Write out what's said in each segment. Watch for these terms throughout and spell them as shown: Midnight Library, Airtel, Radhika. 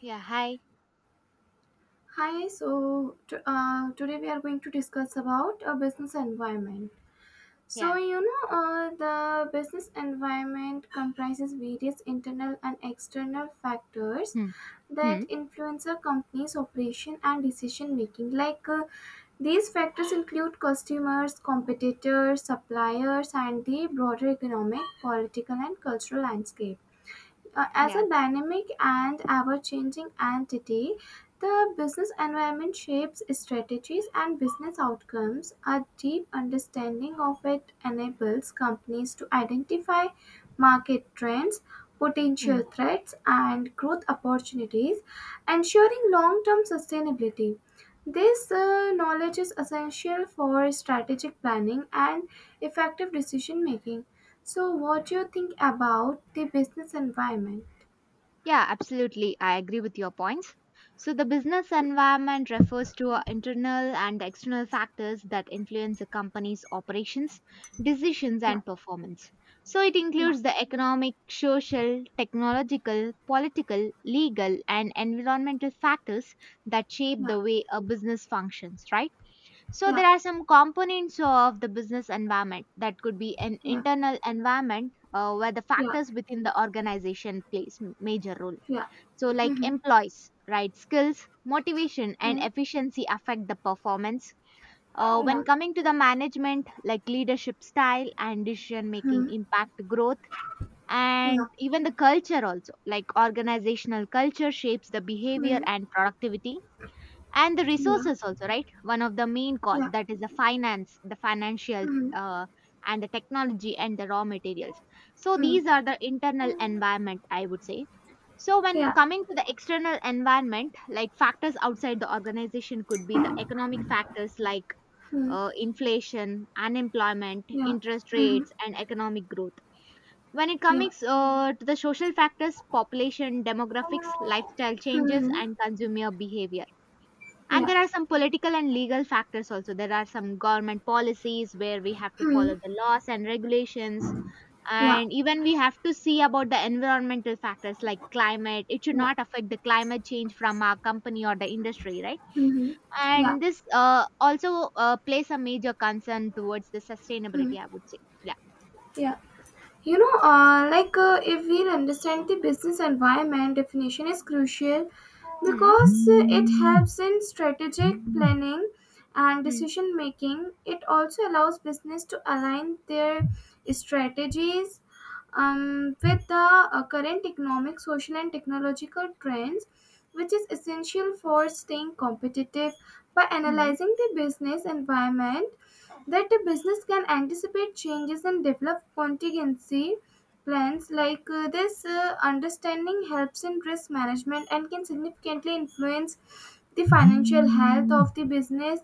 Yeah, hi. Hi, so today we are going to discuss about a business environment. Yeah. The business environment comprises various internal and external factors Hmm. Hmm. that influence a company's operation and decision making. These factors include customers, competitors, suppliers, and the broader economic, political, and cultural landscape. As Yeah. a dynamic and ever changing entity, the business environment shapes strategies and business outcomes. A deep understanding of it enables companies to identify market trends, Hmm. potential threats, and growth opportunities, ensuring long term sustainability. This knowledge is essential for strategic planning and effective decision making. So, what do you think about the business environment? Yeah, absolutely. I agree with your points. So, the business environment refers to internal and external factors that influence a company's operations, decisions, Yeah, and performance. So, it yeah, includes the economic, social, technological, political, legal, and environmental factors that shape yeah, the way a business functions, right? So yeah, there are some components of the business environment that could be an yeah, internal environment where the yeah, factors within the organization plays major role. yeah. So like Mm-hmm. employees, right? Skills, motivation, and Yeah, efficiency affect the performance. When yeah, coming to the management, like leadership style and decision making hmm, impact growth, yeah, and even the culture also, like organizational culture shapes the behavior hmm, and productivity, and the yeah, resources also, right? One of the main costs, yeah, that is hmm, the finance, the financial uh, and the technology and the raw materials. So hmm, these are the internal environment, I would say. So when yeah, coming to the external environment, like factors outside the organization could be the economic factors like hmm, inflation, unemployment, yeah, interest hmm, rates, and economic growth. When it yeah, hmm, yeah, comes to the social factors, population demographics, lifestyle changes, and consumer behavior. And there are some political and legal factors also. There are some government policies where we have to follow hmm, the laws and regulations. yeah, And even we have to see about the environmental factors like climate. It should yeah, not affect the climate change from our company or the industry, right? hmm, yeah. And this also plays a major concern towards the Hmm. sustainability, I would say. Yeah. Yeah. If we understand the business environment definition is crucial Hmm. because it helps in strategic planning and Hmm. decision making. It also allows business to align their strategies with the current economic, social, and technological trends, which is essential for staying competitive. By Hmm. analyzing the business environment, that a business can anticipate changes and develop contingency plans this understanding helps in risk management and can significantly influence the financial health of the business,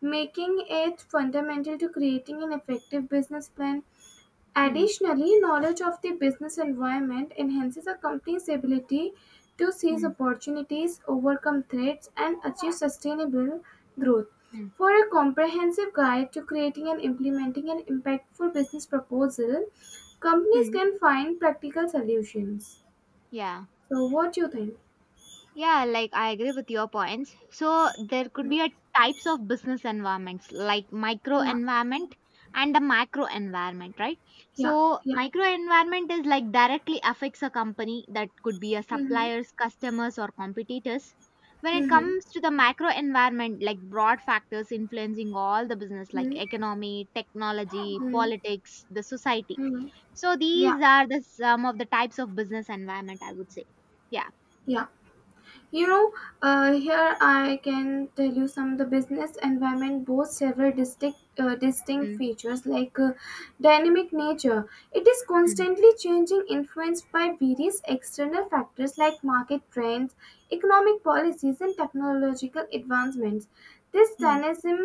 making it fundamental to creating an effective business plan. Hmm. Additionally, knowledge of the business environment enhances a company's ability to seize Hmm. opportunities, overcome threats, and achieve sustainable growth. Hmm. For a comprehensive guide to creating and implementing an impactful business proposal, companies Hmm. can find practical solutions. Yeah. So, what do you think? Yeah, like I agree with your points. So there could Mm. be a types of business environments like micro Yeah, environment and the macro environment, right? yeah, So yeah. micro environment is like directly affects a company, that could be a Mm-hmm, suppliers, customers or competitors. When it mm-hmm, comes to the macro environment, like broad factors influencing all the business like economy, technology, mm-hmm, politics, the society. mm-hmm. So Yeah, these are the some of the types of business environment, I would say. Yeah. yeah. You know, Here I can tell you some of the business environment boasts several distinct, distinct Mm, features dynamic nature. It is mm, constantly changing, influenced by various external factors like market trends, economic policies, and technological advancements. This mm. dynamism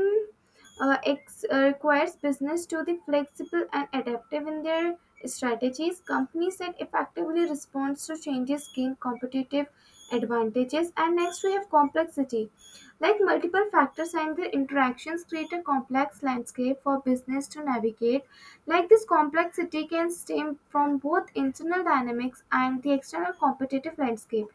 requires business to be flexible and adaptive in their strategies. Companies that effectively respond to changes gain competitive advantages. And next, we have complexity. Like multiple factors and their interactions create a complex landscape for business to navigate. Like this complexity can stem from both internal dynamics and the external competitive landscape,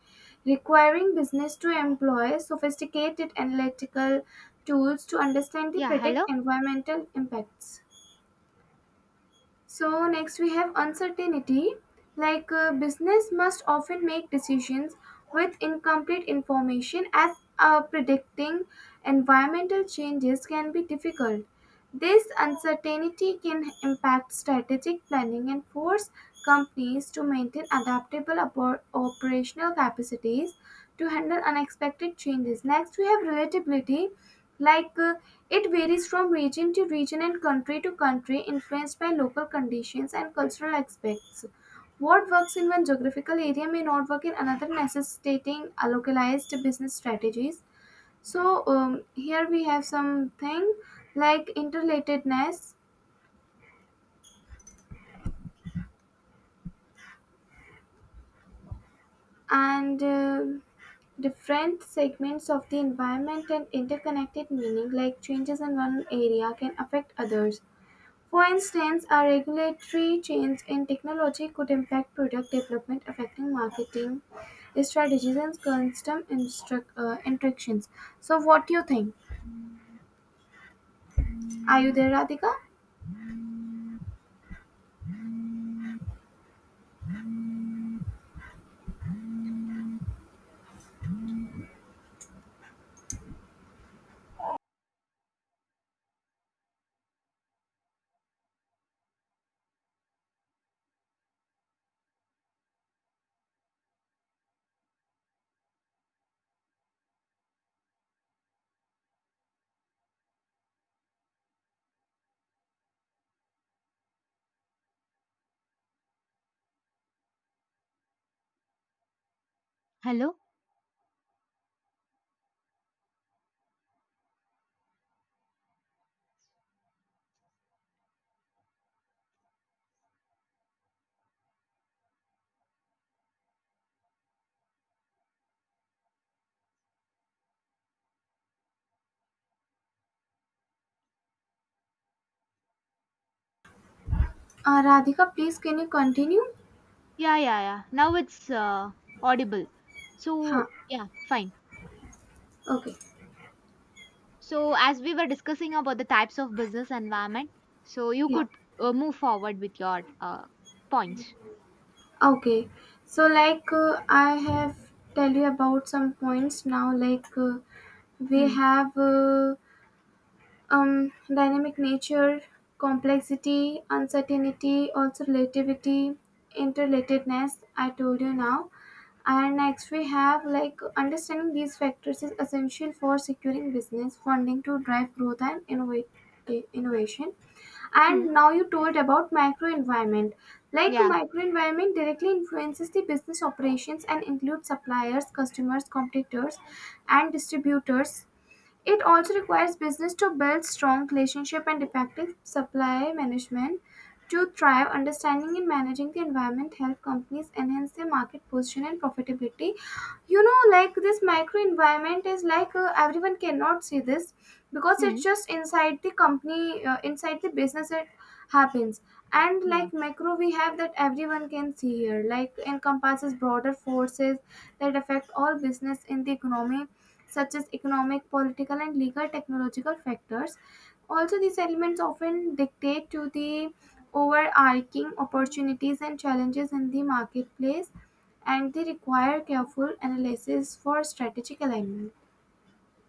requiring business to employ sophisticated analytical tools to understand the Yeah, predict hello? environmental impacts. So, next we have uncertainty. Business must often make decisions with incomplete information as predicting environmental changes can be difficult. This uncertainty can impact strategic planning and force companies to maintain adaptable operational capacities to handle unexpected changes. Next, we have relatability. Like uh, it varies from region to region and country to country, influenced by local conditions and cultural aspects. What works in one geographical area may not work in another, necessitating a localized business strategies. Here we have something like interrelatedness and different segments of the environment and interconnected meaning like changes in one area can affect others. For instance, a regulatory change in technology could impact product development, affecting marketing strategies and customer interactions. So, what do you think? Are you there, Radhika? Hello? Radhika, please can you continue? Yeah, yeah, yeah. Now it's audible. Huh. So, yeah, fine. Okay. So, as we were discussing about the types of business environment, so you Yeah. could move forward with your points. Okay. So, I have tell you about some points now. Like, we Hmm. have. Dynamic nature, complexity, uncertainty, also relativity, interrelatedness. I told you now. And next we have like understanding these factors is essential for securing business funding to drive growth and innovate, innovation. Hmm. And now you told about micro environment. Like Yeah. micro environment directly influences the business operations and includes suppliers, customers, competitors, and distributors. It also requires business to build strong relationship and effective supply management to thrive. Understanding and managing the environment help companies enhance their market position and profitability. Like this microenvironment is like everyone cannot see this because Hmm. it's just inside the company, inside the business it happens. And Yeah. like macro we have that everyone can see here, like encompasses broader forces that affect all business in the economy, such as economic, political, and legal, technological factors. Also, these elements often dictate to the overarching opportunities and challenges in the marketplace, and they require careful analysis for strategic alignment.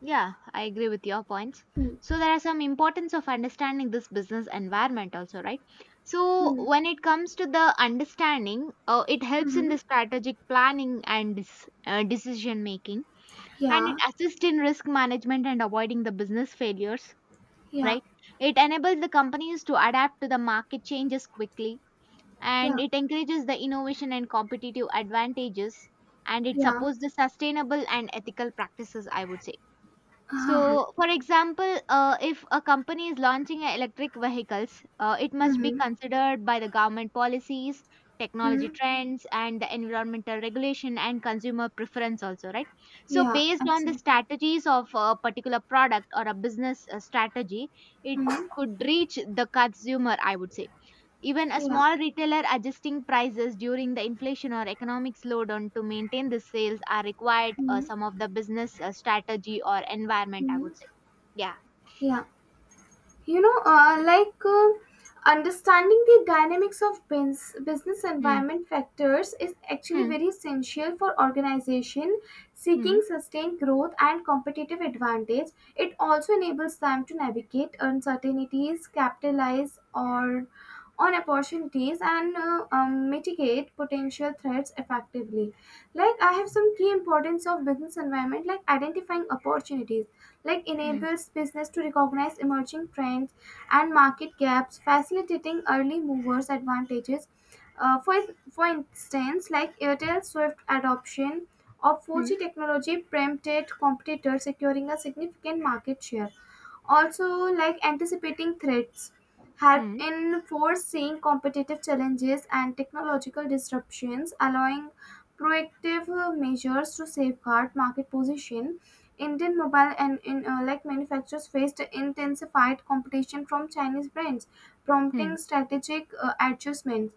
Yeah, I agree with your points. So, there are some importance of understanding this business environment also, right? So, when it comes to the understanding, it helps in the Mm-hmm. strategic planning and decision making, and it Yeah, assists in risk management and avoiding the business failures, yeah, right? It enables the companies to adapt to the market changes quickly, and yeah, it encourages the innovation and competitive advantages, and it yeah. supports the sustainable and ethical practices, I would say. Uh-huh. So, for example, if a company is launching a electric vehicles, it must be Mm-hmm. considered by the government policies, technology Mm-hmm. trends, and the environmental regulation and consumer preference also, right? So, Yeah, based on the absolutely. strategies of a particular product or a business strategy, it Mm-hmm. could reach the consumer, I would say. Even a Yeah, small retailer adjusting prices during the inflation or economic slowdown to maintain the sales are required some of the business strategy or environment, I mm-hmm, would say. Yeah. yeah. you know uh, like uh, Understanding the dynamics of business Hmm. environment factors is actually Hmm. very essential for organization Hmm. seeking sustained growth and competitive advantage. It also enables them to navigate uncertainties, capitalize or on opportunities, and mitigate potential threats effectively. Like I have some key importance of business environment, like identifying opportunities, like Hmm. enables business to recognize emerging trends and market gaps, facilitating early movers advantages. Uh, for, for instance, like Airtel Swift adoption of Hmm. 4G technology prompted competitors securing a significant market share. Also, like anticipating threats, help Hmm. in foreseeing competitive challenges and technological disruptions, allowing proactive measures to safeguard market position. Indian mobile and in, like manufacturers faced intensified competition from Chinese brands, prompting Hmm. strategic adjustments.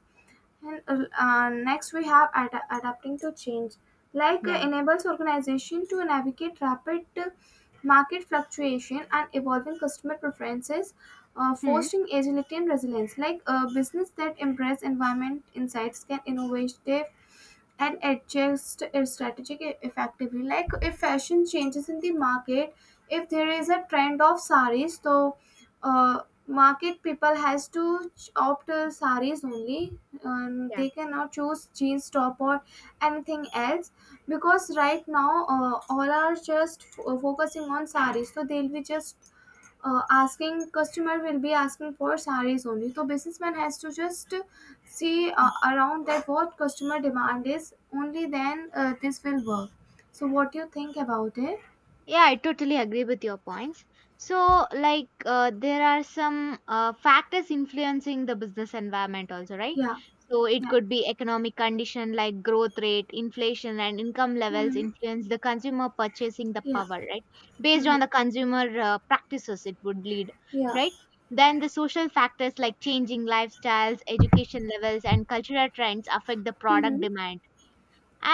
And next, we have adapting to change, Yeah. enables organization to navigate rapid market fluctuation and evolving customer preferences, Hmm. fostering agility and resilience. Like a business that embrace environment insights can innovative and adjust it strategy effectively. Like if fashion changes in the market, if there is a trend of saris, uh, market people has to opt saris only. Yeah. They cannot choose jeans top or anything else because right now all are just focusing on saris. So they'll be just. Asking customer will be asking for sarees only. So businessman has to just see around that what customer demand is. Only then this will work. So what do you think about it? Yeah, I totally agree with your points. So, like, there are some factors influencing the business environment, also, right? Yeah, So, it yeah, could be economic condition like growth rate, inflation, and income levels mm-hmm, influence the consumer purchasing the yeah, power, right? Based mm-hmm, on the consumer practices, it would lead, yeah. right? Then the social factors like changing lifestyles, education levels, and cultural trends affect the product Mm-hmm. demand.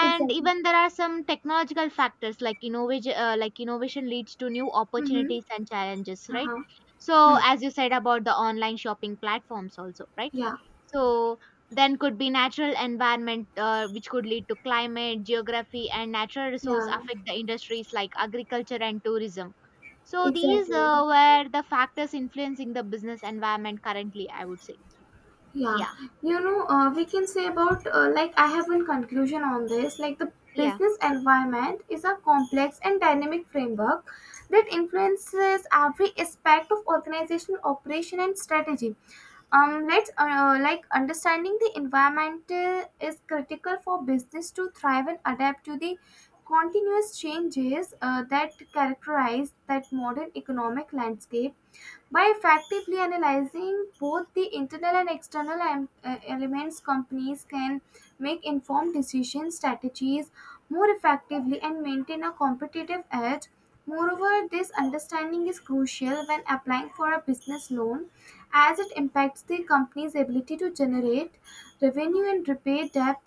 Ex- even there are some technological factors like innovation, innovation leads to new mm-hmm. opportunities and challenges, right? Uh-huh. So Hmm. as you said about the online shopping platforms also, right? Yeah, So then could be natural environment, which could lead to climate, geography, and natural resource yeah, affect the industries like agriculture and tourism. So these exactly. Were the factors influencing the business environment currently, I would say. Yeah, Yeah. We can say about like I have one conclusion on this. Like the Yeah. business environment is a complex and dynamic framework that influences every aspect of organizational operation and strategy. Let's understanding the environment is critical for business to thrive and adapt to the continuous changes that characterize that modern economic landscape. By effectively analyzing both the internal and external elements, companies can make informed decision strategies more effectively and maintain a competitive edge. Moreover, this understanding is crucial when applying for a business loan, as it impacts the company's ability to generate revenue and repay debt.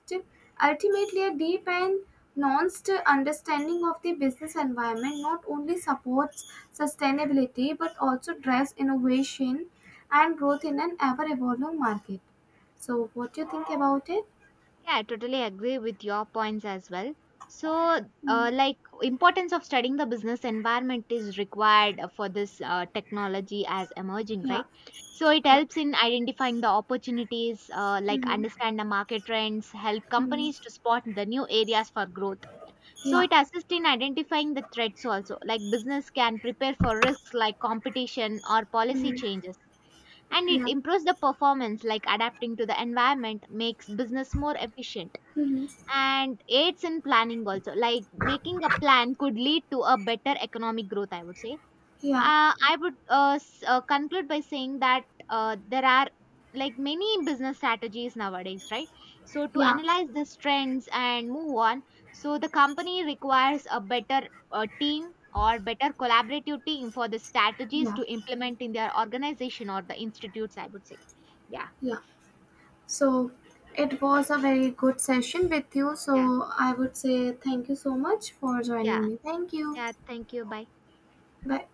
Ultimately, a deep and nuanced understanding of the business environment not only supports sustainability but also drives innovation and growth in an ever evolving market. So, what do you think about it? Yeah, I totally agree with your points as well. So, Mm, like importance of studying the business environment is required for this technology as emerging, yeah, right? So it yeah. helps in identifying the opportunities, like Hmm. understand the market trends, help companies to spot the new areas for growth. So Yeah. it assists in identifying the threats also, like business can prepare for risks like competition or policy Mm. changes. And it Yeah. improves the performance, like adapting to the environment makes business more efficient, Mm-hmm. and aids in planning also, like making a plan could lead to a better economic growth, I would say. Yeah. I would conclude by saying that there are like many business strategies nowadays, right? So to Yeah. analyze these trends and move on, so the company requires a better team or better collaborative team for the strategies Yeah. to implement in their organization or the institutes, I would say. Yeah. Yeah. So it was a very good session with you. Yeah. So I would say thank you so much for Yeah. joining me. Thank you. Yeah, thank you, bye. Bye.